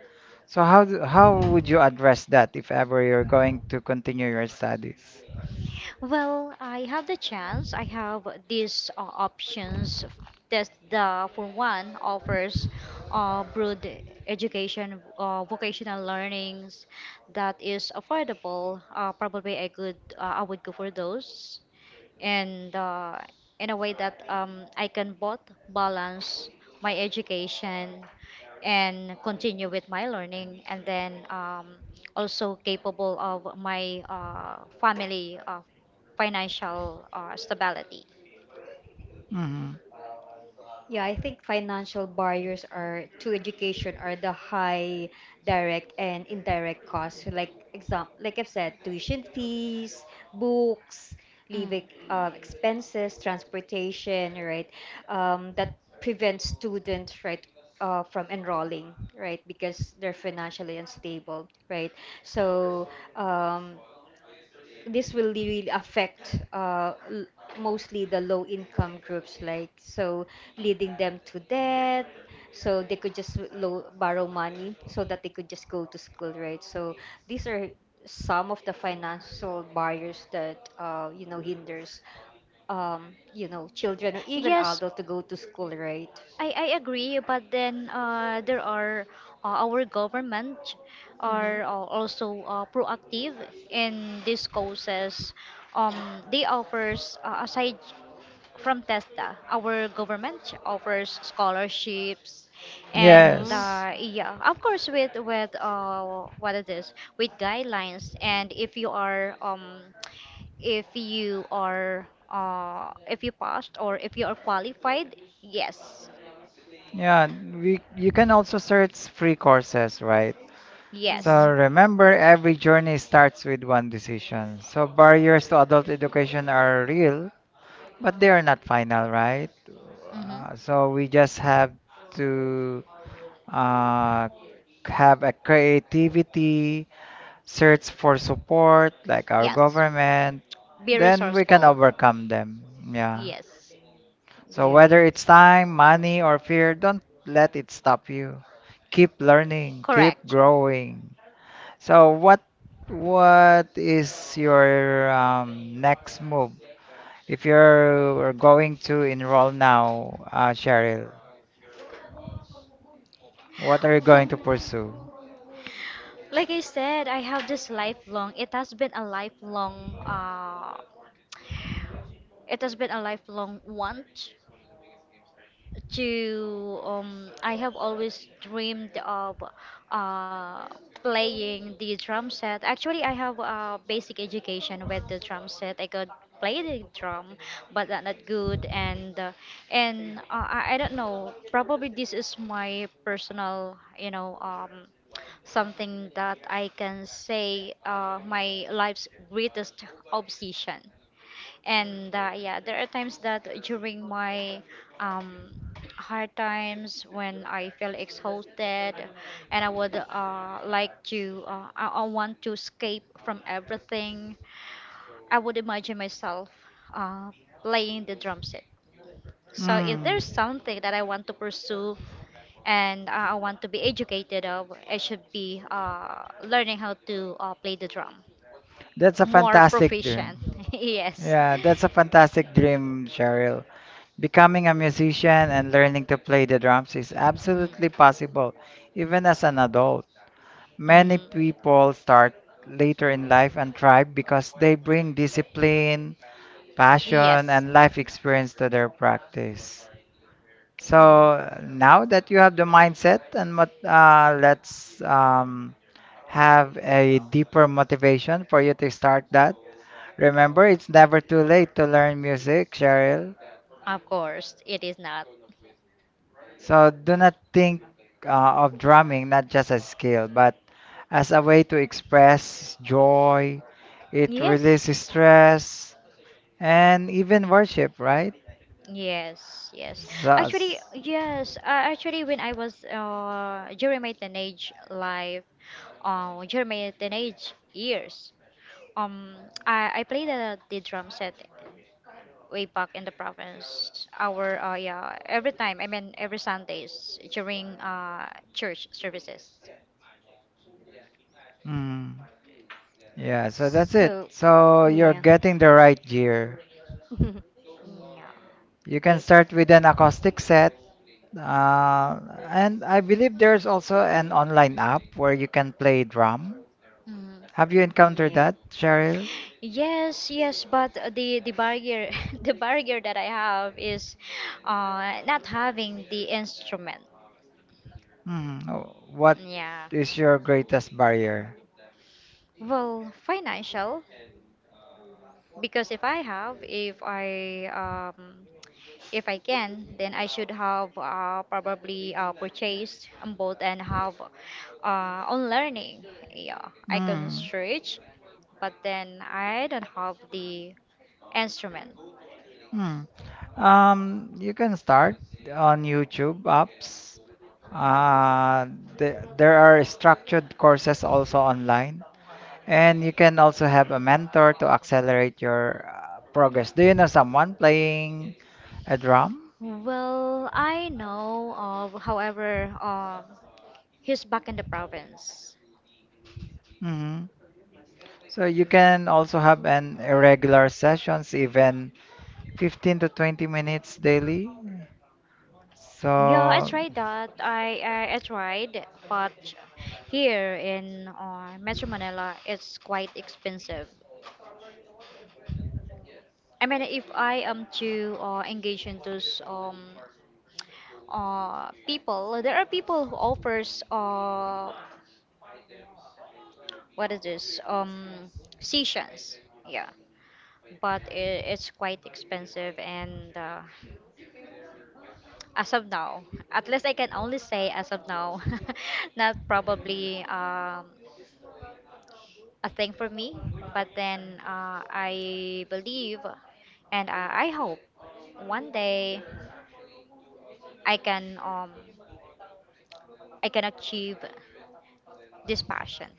S1: So how do, how would you address that if ever you're going to continue your studies?
S3: Well, I have the chance. I have these options. That the for one offers broad education, vocational learnings that is affordable. Probably I would go for those, and in a way that I can both balance my education and continue with my learning and then also capable of my family financial stability.
S1: Hmm.
S2: Yeah, I think financial barriers are to education are the high direct and indirect costs. Like exam, like I've said, tuition fees, books, living
S3: Mm.
S2: expenses, transportation, right? That prevents students, right, from enrolling, right, because they're financially unstable, right? So um, this will really affect mostly the low income groups, like, so leading them to debt. So they could just borrow money so that they could just go to school, right? So these are some of the financial barriers that you know, hinders you know, children or even
S3: Yes,
S2: adults to go to school, right?
S3: I agree, but then there are our government
S2: Mm-hmm.
S3: are also proactive in these causes. Um, they offers aside from TESDA, our government offers scholarships, and
S2: Mm-hmm.
S1: Yes.
S3: yeah, of course with what it is with guidelines, and if you passed or if you are qualified, yes.
S1: Yeah, we, you can also search free courses, right? So
S3: Yes.
S2: Mm-hmm.
S1: remember, every journey starts with one decision. So barriers to adult education are real, but they are not final, right?
S3: Mm-hmm.
S1: So we just have to uh, have a creativity, search for support, like our
S3: Yes.
S1: government,
S3: Be
S1: then we can
S3: resourceful.
S1: overcome them. Yeah.
S3: Yes.
S1: So
S2: Yeah.
S1: whether it's time, money, or fear, don't let it stop you. Keep learning, keep
S3: Correct.
S1: growing. So what is your next move? If you're going to enroll now, Cheryl, what are you going to pursue?
S3: Like I said, I have this lifelong. It has been a lifelong. It has been a lifelong want to I have always dreamed of uh playing the drum set. Actually, I have basic education with the drum set. I could play the drum, but not good. And I don't know. Probably this is my personal, something that I can say my life's greatest obsession. And Yeah, there are times that during my um, hard times when I feel exhausted and I would like to, I want to escape from everything, I would imagine myself uh, playing the drum set. So if
S1: Mm,
S3: there's something that I want to pursue and I want to be educated of, it should be learning how to play the drum
S1: that's a
S3: more
S1: fantastic
S3: proficient.
S1: dream.
S3: Yes.
S1: Yeah, that's a fantastic dream, Cheryl. Becoming a musician and learning to play the drums is
S3: Hmm.
S1: absolutely possible, even as an adult. Many
S3: Hmm.
S1: people start later in life and thrive because they bring discipline, passion,
S3: Yes.
S1: and life experience to their practice.
S2: Yeah.
S1: So now that you have the mindset and mot let's have a deeper motivation for you to start that. Remember, it's never too late to learn music, Cheryl.
S3: Of course, it is not.
S1: So do not think of drumming not just as skill, but as a way to express joy. It
S3: Yes.
S1: releases stress and even worship, right?
S3: Yes, yes.
S1: So,
S3: Actually,
S1: s-
S3: yes. Actually, when I was during my teenage life, during my teenage years, um, I played the drum set way back in the province. Our yeah, every time. I mean, every Sundays during church services.
S1: mm, yeah, so that's it.
S2: So,
S1: So you're
S2: yeah.
S1: getting the right gear.
S2: Mm,
S3: Yeah.
S1: You can
S2: okay.
S1: start with an acoustic set. Uh, and I believe there's also an online app where you can play drum.
S3: Mhm.
S1: Have you encountered
S2: Yeah.
S1: that, Cheryl?
S3: Yes, yes, but the barrier the barrier that I have is not having the instrument.
S1: Mm. Oh, what
S3: Yeah.
S1: is your greatest barrier?
S3: Well, financial because if I can then I should have probably purchased both and have on learning. Yeah, I can
S1: Mm.
S3: search, but then I don't have the instrument.
S1: Mm. You can start on YouTube apps. Uh, there are structured courses also online, and you can also have a mentor to accelerate your progress. Do you know someone playing a drum?
S3: Well, I know of, however, he's back in the province.
S1: Hmm. So you can also have an irregular sessions, even 15 to 20 minutes daily.
S3: Yeah, I
S1: So.
S3: tried that. I tried, but here in Metro Manila, it's quite expensive. I mean, if I am to engage in those people, there are people who offers what is this sessions, yeah, but I it's quite expensive and as of now, at least I can only say as of now, not probably a thing for me, but then I believe, and I hope one day i can um I can achieve this passion.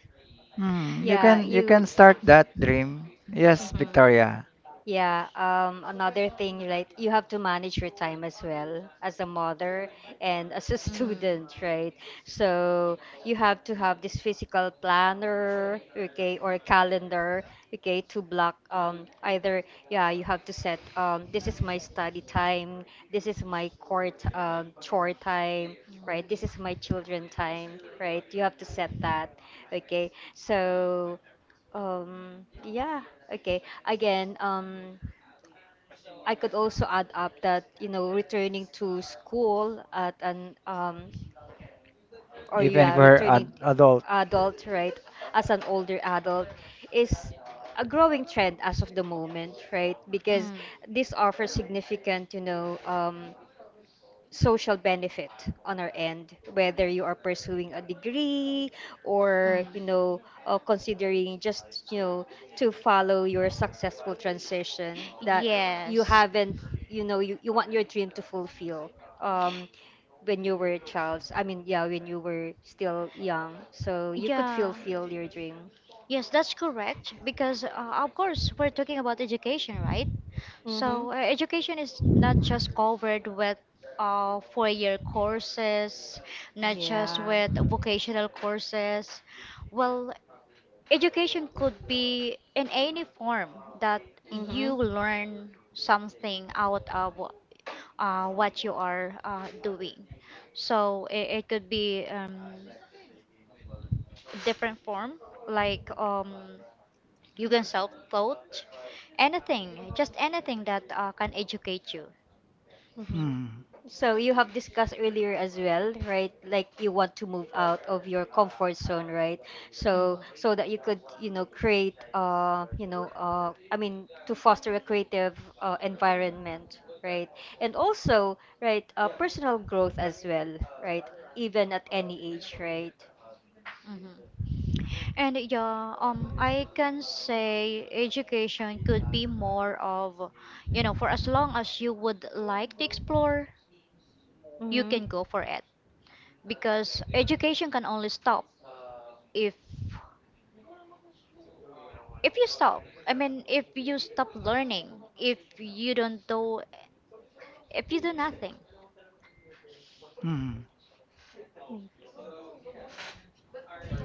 S1: Hmm,
S2: Yeah,
S1: you can
S2: you.
S1: start that dream. Yes,
S2: Mhm.
S1: Victoria.
S2: Yeah, another thing, right? You have to manage your time as well, as a mother and as a
S3: Mm.
S2: student, right? So you have to have this physical planner, okay, or calendar, okay, to block either, yeah, you have to set this is my study time, this is my court chore time, right? This is my children time, right? You have to set that, okay? So, yeah, okay. Again, I could also add up that, you know, returning to school at an, or
S1: Even if
S2: yeah,
S1: we're
S2: returning
S1: ad
S2: t-
S1: adult.
S2: adult, right, as an older adult is a growing trend as of the moment, right? Because
S3: Mm.
S2: this offers significant, you know, social benefit on our end, whether you are pursuing a degree or, you
S3: Mm.
S2: know, considering just, you know, to follow your successful transition, that you
S3: Yes.
S2: haven't, you know, you want your dream to fulfill um when you were a child, when you were still young, so you could
S3: Yeah.
S2: fulfill your dream.
S3: Yes, that's correct because, of course, we're talking about education, right?
S2: Mm-hmm.
S3: So, education is not just covered with 4-year courses, not just
S2: Yeah.
S3: with vocational courses. Well, education could be in any form that you
S2: Mm-hmm.
S3: learn something out of what you are doing. So, it could be. Different form like you can self taught anything, just anything that can educate you.
S2: Mhm.
S1: Hmm.
S2: So you have discussed earlier as well, right? Like you want to move out of your comfort zone, right? So, so that you could, you know, create, to foster a creative environment, right? And also, right, personal growth as well, right? Even at any age, right?
S3: Mhm. Mhm. And yeah, I can say education could be more of, for as long as you would like to explore, you
S2: Mm-hmm.
S3: can go for it because education can only stop if you stop. I mean, if you stop learning, if you don't do, if you do nothing.
S1: Hmm.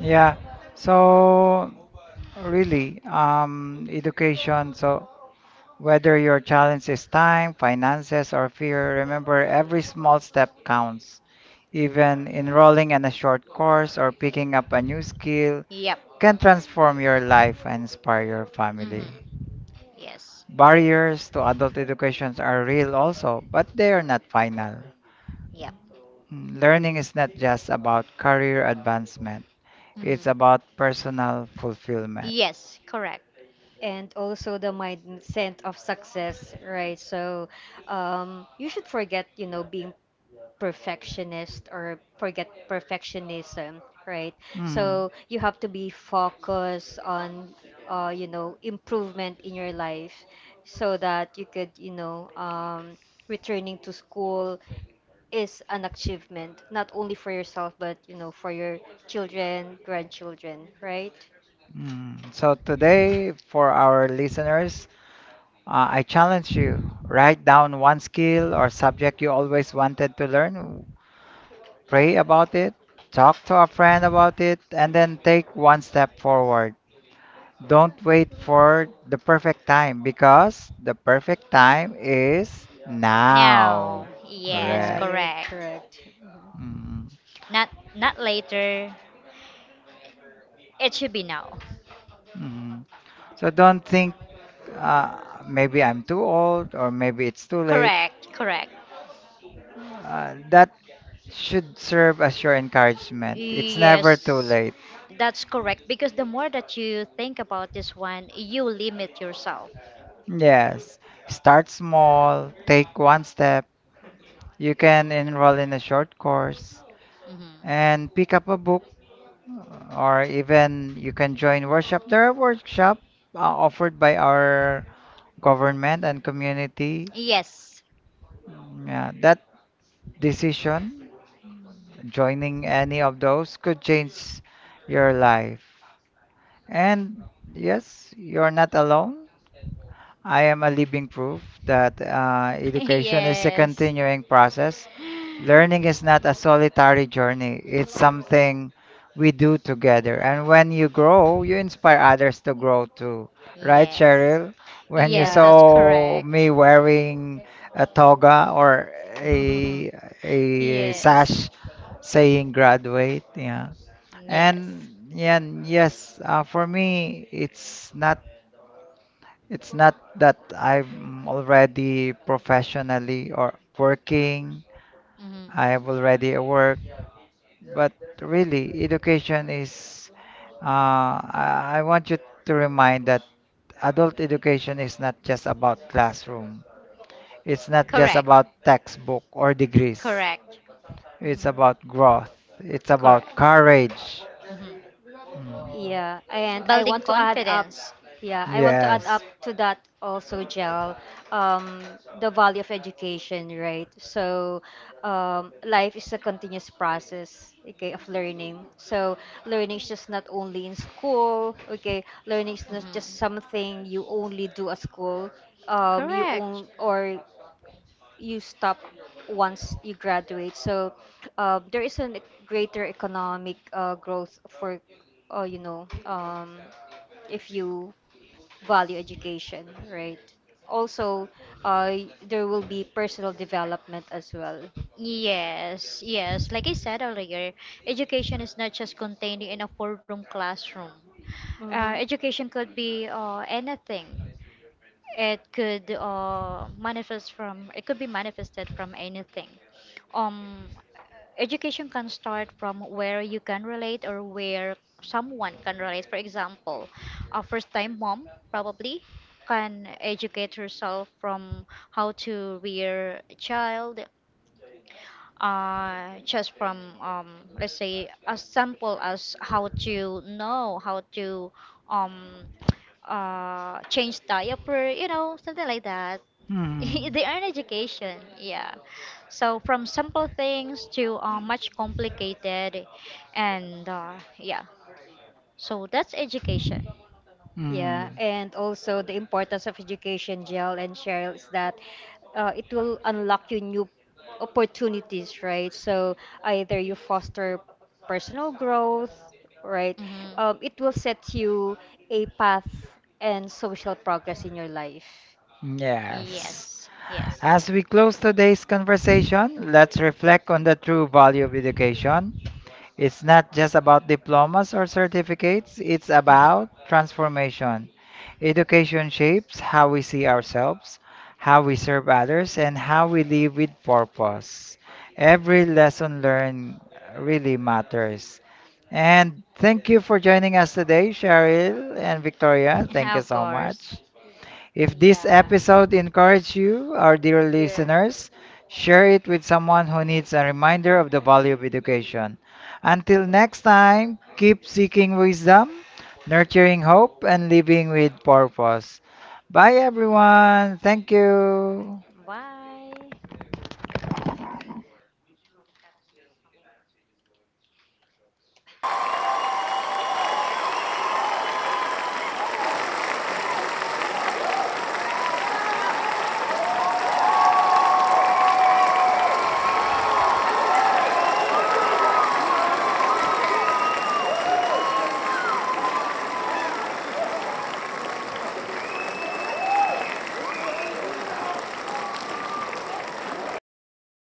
S1: Yeah. So really, education. So whether your challenge is time, finances, or fear, remember every small step counts. Even enrolling in a short course or picking up a new skill
S3: Yep.
S1: can transform your life and inspire your
S3: Mm-hmm.
S1: family.
S3: Yes.
S1: Barriers to adult educations are real also, but they are not final.
S3: Yep.
S1: Mm, learning is not just about career advancement, it's
S3: Mm-hmm.
S1: about personal fulfillment.
S3: Yes. Correct.
S2: And also the mindset of success, right? So you should forget, you know, being perfectionist, or forget perfectionism, right?
S1: Mm.
S2: So you have to be focused on, you know, improvement in your life, so that you could, you know, returning to school is an achievement, not only for yourself, but, you know, for your children, grandchildren, right?
S1: Mm. So today, for our listeners, I challenge you. Write down one skill or subject you always wanted to learn, pray about it, talk to a friend about it, and then take one step forward. Don't wait for the perfect time because the perfect time is
S3: Now. Now.
S1: now.
S3: Yes,
S2: Yeah,
S1: Correct.
S2: you're
S3: correct.
S2: correct. Mhm.
S1: Mhm,
S3: Not later. It should be now.
S1: mhm. So don't think uh, maybe I'm too old or maybe it's too late.
S3: Correct, correct.
S1: That should serve as your encouragement. It's
S3: Yes.
S1: never too late.
S3: That's correct because the more that you think about this one, you limit yourself.
S1: Yes, start small, take one step. You can enroll in a short course
S3: Hmm.
S1: and pick up a book, or even you can join workshop. There are workshops offered by our government and community.
S3: Yes.
S1: Yeah, that decision, joining any of those, could change your life. And yes, you're not alone. I am a living proof that education is a
S3: Yes.
S1: continuing process. Learning is not a solitary journey, it's something we do together. And when you grow, you inspire others to grow too. Right,
S3: Yes.
S1: Cheryl? When you
S3: Yes, that's
S1: saw me
S3: correct.
S1: wearing a toga or a, a
S3: Yes.
S1: sash saying graduate, yeah.
S3: Yes.
S1: And yeah, and yes, for me, it's not that I'm already professionally or working.
S3: Hmm.
S1: I have already a work. But really, education is, I want you to remind that adult education is not just about classroom. It's not just
S3: Correct.
S1: about textbook or degrees.
S3: Correct.
S1: It's about growth. It's about
S3: Correct.
S1: courage.
S3: Hmm.
S1: Mm.
S2: Yeah, and I
S3: Building
S2: want to add up.
S3: confidence.
S2: Yeah, I want to add up
S1: Yes.
S2: to that also, Jel, um, the value of education, right? So, life is a continuous process, okay, of learning. So, learning is just not only in school, okay? Learning is not
S3: Hmm.
S2: just something you only do at school. You
S3: Correct.
S2: own, or you stop once you graduate. So there is a greater economic growth for, uh, you know, um, if you value education, right? Also, there will be personal development as well.
S3: Yes, yes. Like I said earlier, education is not just contained in a four-room classroom.
S2: Mm-hmm.
S3: Education could be anything. It could manifest from. It could be manifested from anything. Um, Education can start from where you can relate or where someone can relate. For example, a first-time mom probably can educate herself from how to rear a child, just from let's say as simple as how to um, change diaper, something like that. They
S1: Mm.
S3: earn education, yeah. So from simple things to much complicated, and yeah. So that's education.
S2: Yeah, and
S1: Mm.
S2: also the importance of education, Jill and Cheryl, is that it will unlock you new opportunities, right? So either you foster personal growth, right?
S3: Hmm.
S2: It will set you a path and social progress in your life.
S1: Yes.
S3: Yes, yes.
S1: As we close today's conversation, let's reflect on the true value of education. It's not just about diplomas or certificates, it's about
S3: Mhm.
S1: transformation. Education shapes how we see ourselves, how we serve others, and how we live with purpose. Every lesson learned really matters. And thank you for joining us today, Cheryl and Victoria. Thank you
S3: Of
S1: so much.
S3: course.
S1: If this
S2: Yeah.
S1: episode encouraged you, our dear listeners,
S2: Yeah.
S1: share it with someone who needs a reminder of the value of education. Until next time, keep seeking wisdom, nurturing hope, and living with purpose. Bye, everyone. Thank you.
S3: Bye.